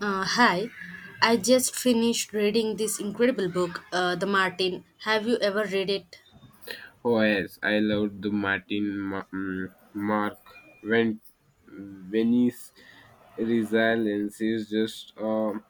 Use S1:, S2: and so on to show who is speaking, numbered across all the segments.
S1: Hi, I just finished reading this incredible book, The Martin. Have you ever read it?
S2: Oh yes, I loved the Martin Mark when Venice resilience is just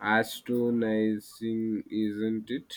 S2: astonishing, isn't it?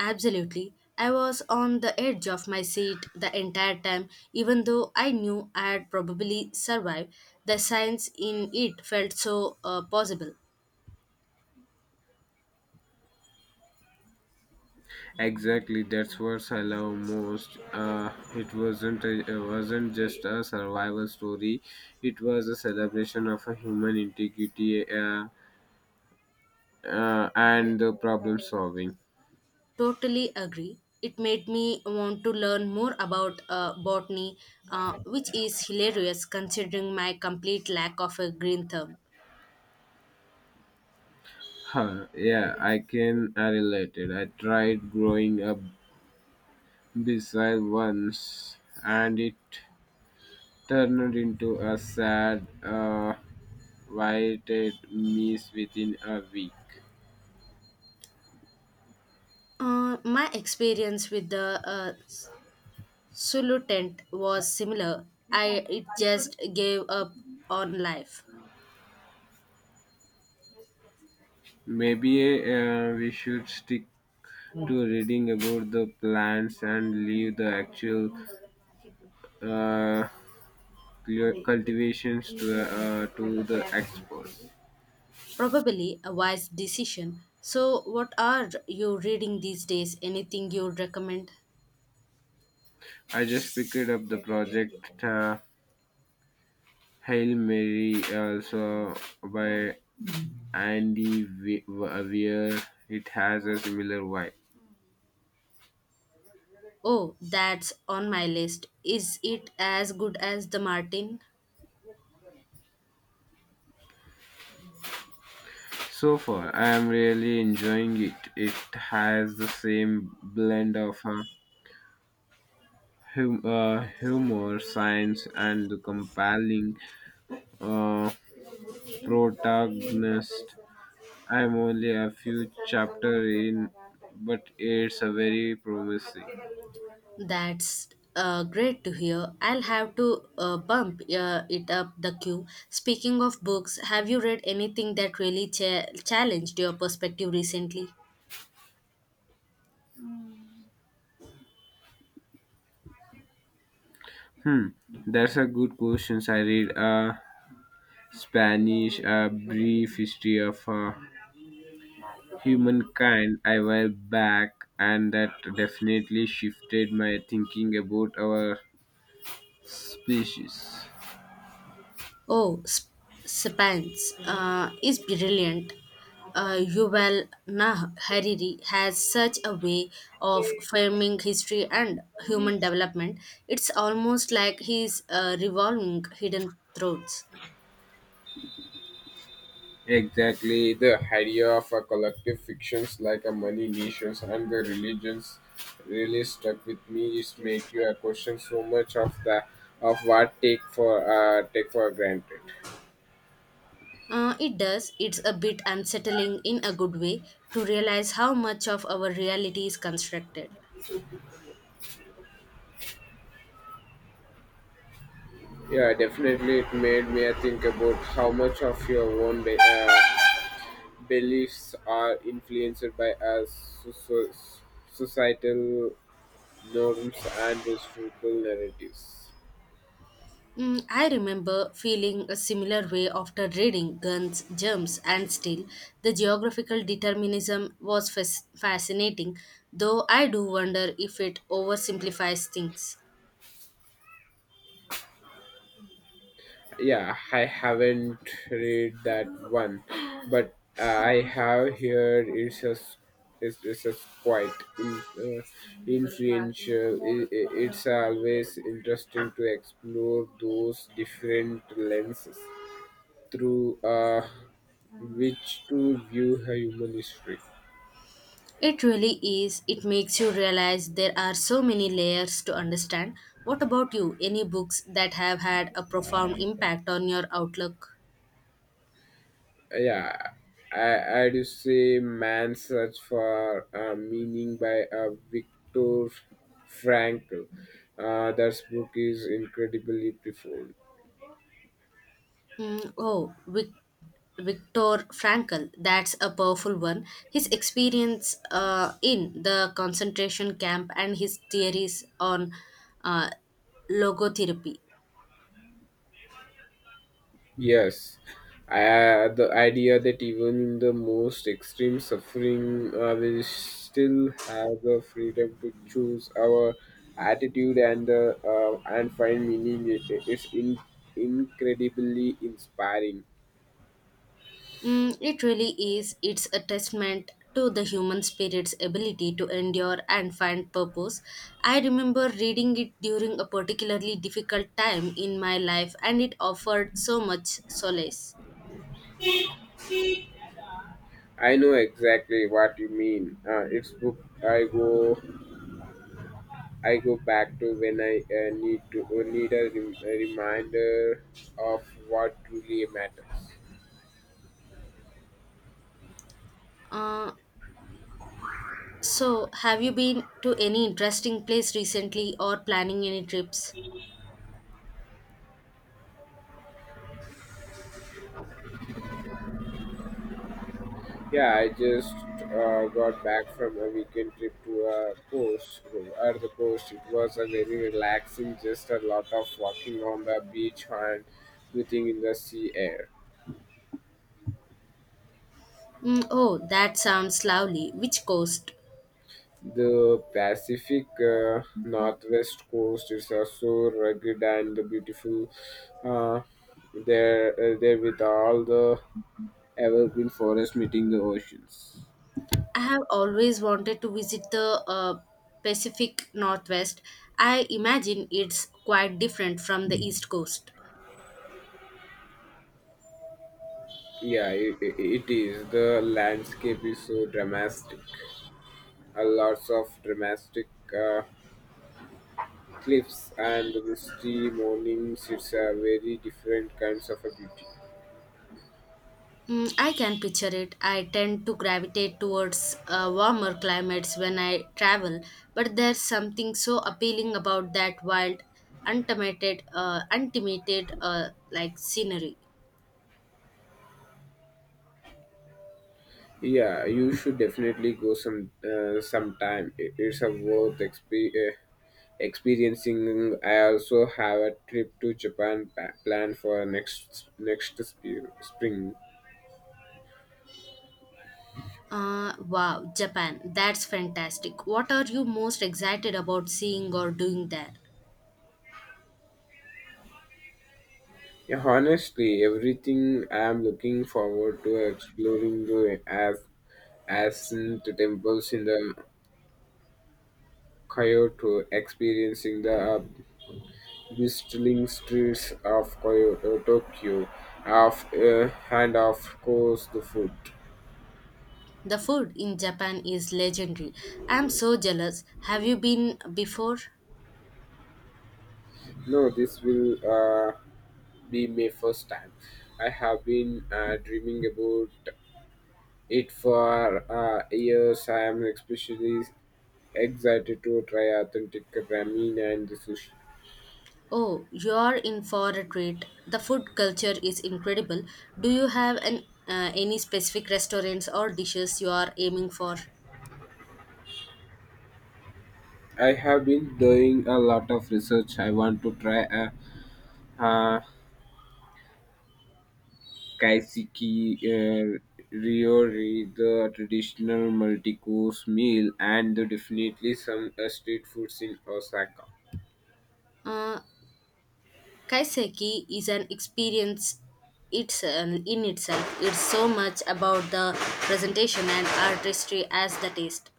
S1: Absolutely. I was on the edge of my seat the entire time, even though I knew I'd probably survive. The science in it felt so possible.
S2: Exactly, that's what I love most. It wasn't just a survival story; it was a celebration of a human integrity and the problem solving.
S1: Totally agree. It made me want to learn more about botany, which is hilarious considering my complete lack of a green thumb.
S2: Huh, yeah, I relate it. I tried growing up beside once, and it turned into a sad, whited mess within a week.
S1: My experience with the Sulutent was similar. I It just gave up on life.
S2: Maybe we should stick to reading about the plants and leave the actual uh, cultivations to to the experts.
S1: Probably a wise decision. So what are you reading these days? Anything you'd recommend?
S2: I just picked up the project Hail Mary also by and the wi- where it has a similar vibe.
S1: Oh, that's on my list. Is it as good as the Martin?
S2: So far, I am really enjoying it. It has the same blend of humor, science, and the compelling uh, protagonist. I'm only a few chapter in, but it's a very promising.
S1: That's great to hear. I'll have to bump it up the queue. Speaking of books, have you read anything that really challenged your perspective recently?
S2: Hmm, that's a good question. I read Spanish, a brief history of humankind I were back, and that definitely shifted my thinking about our species.
S1: Oh, Spence is brilliant. Yuval Noah Hariri has such a way of framing history and human development. It's almost like he's revolving hidden throats.
S2: Exactly, the idea of a collective fictions like a money nations and the religions really stuck with me. Is make you a question so much of the of what take for take for granted.
S1: It does. It's a bit unsettling in a good way to realize how much of our reality is constructed.
S2: Yeah, definitely, it made me think about how much of your own day. Beliefs are influenced by our societal norms and historical narratives.
S1: Mm, I remember feeling a similar way after reading Guns, Germs, and Steel. The geographical determinism was fascinating, though I do wonder if it oversimplifies things.
S2: Yeah, I haven't read that one, but I have heard it's a quite in, uh, influential. It's always interesting to explore those different lenses through which to view human history.
S1: It really is. It makes you realize there are so many layers to understand. What about you? Any books that have had a profound impact on your outlook?
S2: Yeah, I'd say man search for meaning by victor frankl. That book is incredibly profound.
S1: Mm, oh, Viktor Frankl, that's a powerful one. His experience in the concentration camp and his theories on uh, logotherapy.
S2: Yes, I, the idea that even in the most extreme suffering we still have the freedom to choose our attitude and the and find meaning is in, incredibly inspiring.
S1: Mm, it really is. It's a testament to the human spirit's ability to endure and find purpose. I remember reading it during a particularly difficult time in my life, and it offered so much solace.
S2: I know exactly what you mean. It's book. I go. I go back to when I need to need a, rem- a reminder of what truly matters.
S1: Uh, So, have you been to any interesting place recently or planning any trips?
S2: Yeah, I just got back from a weekend trip to a coast or the coast. It was a very relaxing, just a lot of walking on the beach and breathing in the sea air.
S1: Mm, oh, that sounds lovely. Which coast?
S2: The Pacific Northwest coast is so rugged and beautiful. Uh, there with all the evergreen forests meeting the oceans.
S1: I have always wanted to visit the Pacific Northwest. I imagine it's quite different from the East Coast.
S2: Yeah, it is. The landscape is so dramatic. Lots of dramatic uh, cliffs and the misty mornings. It's a very different kinds of a beauty.
S1: Mm, I can picture it. I tend to gravitate towards warmer climates when I travel, but there's something so appealing about that wild, untainted, like scenery.
S2: Yeah, you should definitely go sometime. It's a worth experiencing. I also have a trip to Japan planned for next spring.
S1: Wow, Japan. That's fantastic. What are you most excited about seeing or doing there?
S2: Yeah, honestly, everything I am looking forward to exploring the as ascent temples in the Kyoto, experiencing the bustling streets of Kyoto, Tokyo, of and of course the food.
S1: The food in Japan is legendary. I'm so jealous. Have you been before?
S2: No, this will be my first time. I have been dreaming about it for years. I am especially excited to try authentic ramen and sushi.
S1: Oh, you're in for a treat. The food culture is incredible. Do you have an, any specific restaurants or dishes you are aiming for?
S2: I have been doing a lot of research. I want to try a uh, kaiseki ryori, the traditional multi-course meal, and definitely some street foods in Osaka.
S1: Uh, Kaiseki is an experience, it's in itself it's so much about the presentation and artistry as the taste.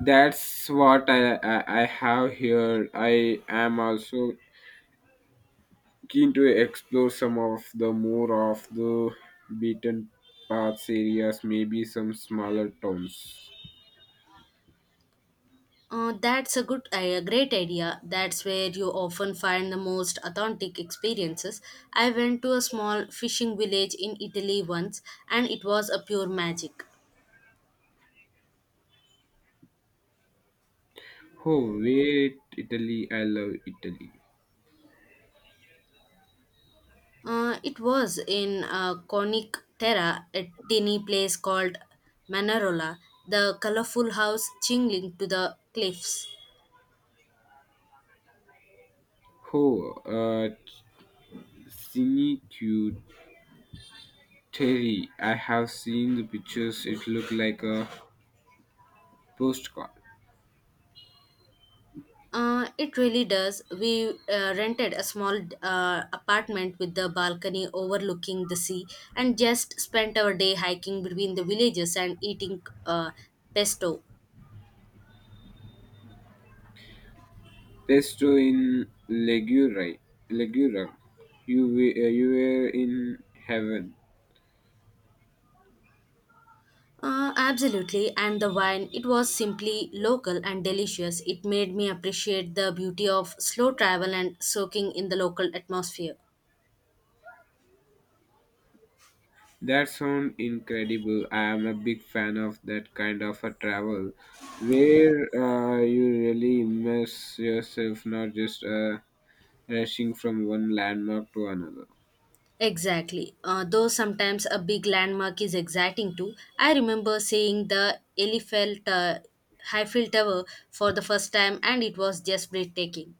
S2: That's what I have here. I am also keen to explore some of the more of the beaten paths areas, maybe some smaller towns.
S1: That's a great idea. That's where you often find the most authentic experiences. I went to a small fishing village in Italy once, and it was a pure magic.
S2: Oh, wait, Italy. I love Italy.
S1: It was in Conic Terra, a tiny place called Manarola, the colorful house chingling to the cliffs.
S2: Oh, uh, Cinque Terre. I have seen the pictures. It looked like a postcard.
S1: It really does. We rented a small apartment with the balcony overlooking the sea and just spent our day hiking between the villages and eating pesto.
S2: Pesto in Ligure. Ligure. You were in heaven.
S1: Absolutely, and the wine, it was simply local and delicious. It made me appreciate the beauty of slow travel and soaking in the local atmosphere.
S2: That sounds incredible. I am a big fan of that kind of a travel where you really immerse yourself, not just rushing from one landmark to another.
S1: Exactly. Though sometimes a big landmark is exciting too. I remember seeing the Eiffel Tower for the first time, and it was just breathtaking.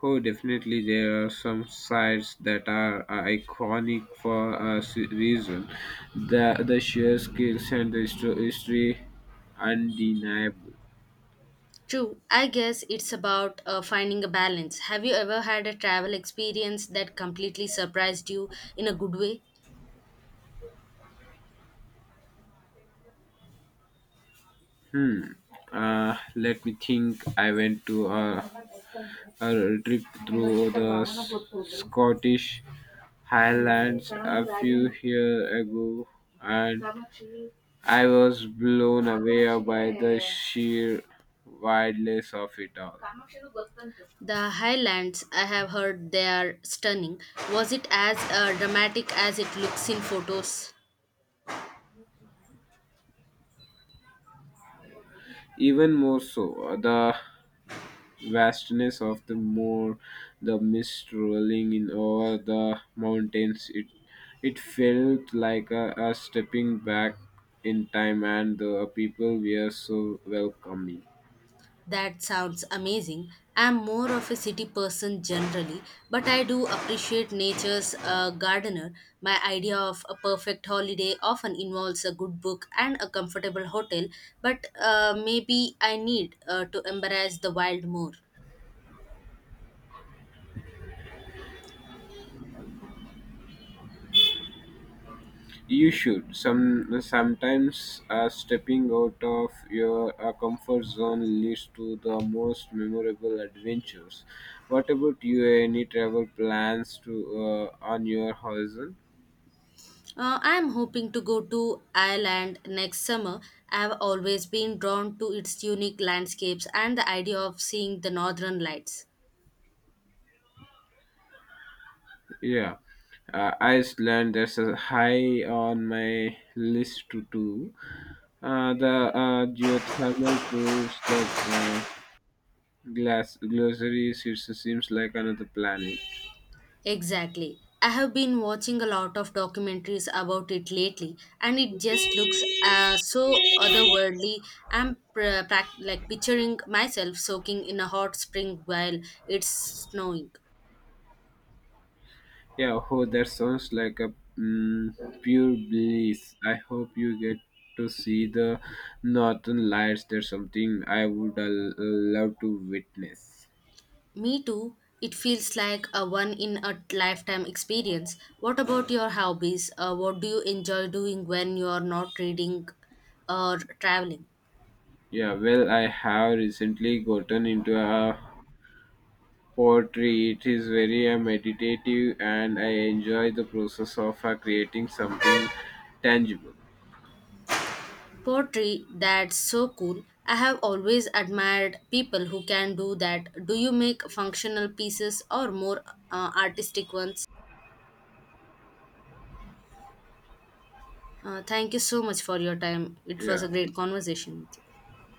S2: Oh, definitely, there are some sites that are iconic for a reason. The sheer skills and the history undeniable.
S1: True, I guess it's about finding a balance. Have you ever had a travel experience that completely surprised you in a good way?
S2: Hmm. Let me think. I went to a trip through the Scottish Highlands a few years ago, and I was blown away by the sheer wildness of it all.
S1: The Highlands, I have heard they are stunning. Was it as dramatic as it looks in photos?
S2: Even more so, the vastness of the moor, the mist rolling in over the mountains. It felt like a stepping back in time, and the people were so welcoming.
S1: That sounds amazing. I'm more of a city person generally, but I do appreciate nature's gardener. My idea of a perfect holiday often involves a good book and a comfortable hotel, but maybe I need to embrace the wild more.
S2: You should. Sometimes stepping out of your comfort zone leads to the most memorable adventures. What about you? Any travel plans to on your horizon?
S1: I am hoping to go to Ireland next summer. I have always been drawn to its unique landscapes and the idea of seeing the northern lights.
S2: Yeah, Iceland. That's a high on my list to do. The Geothermal pools, the uh, glass glossaries. It seems like another planet.
S1: Exactly. I have been watching a lot of documentaries about it lately, and it just looks so otherworldly. Like picturing myself soaking in a hot spring while it's snowing.
S2: Yeah, oh, that sounds like pure bliss. I hope you get to see the northern lights. There's something I would love to witness.
S1: Me too. It feels like a one in a lifetime experience. What about your hobbies? What do you enjoy doing when you are not reading or traveling?
S2: Yeah, well, I have recently gotten into a poetry. It is very meditative, and I enjoy the process of creating something tangible.
S1: Poetry, that's so cool. I have always admired people who can do that. Do you make functional pieces or more artistic ones? Thank you so much for your time. It was
S2: Yeah,
S1: a
S2: okay.
S1: great conversation with you.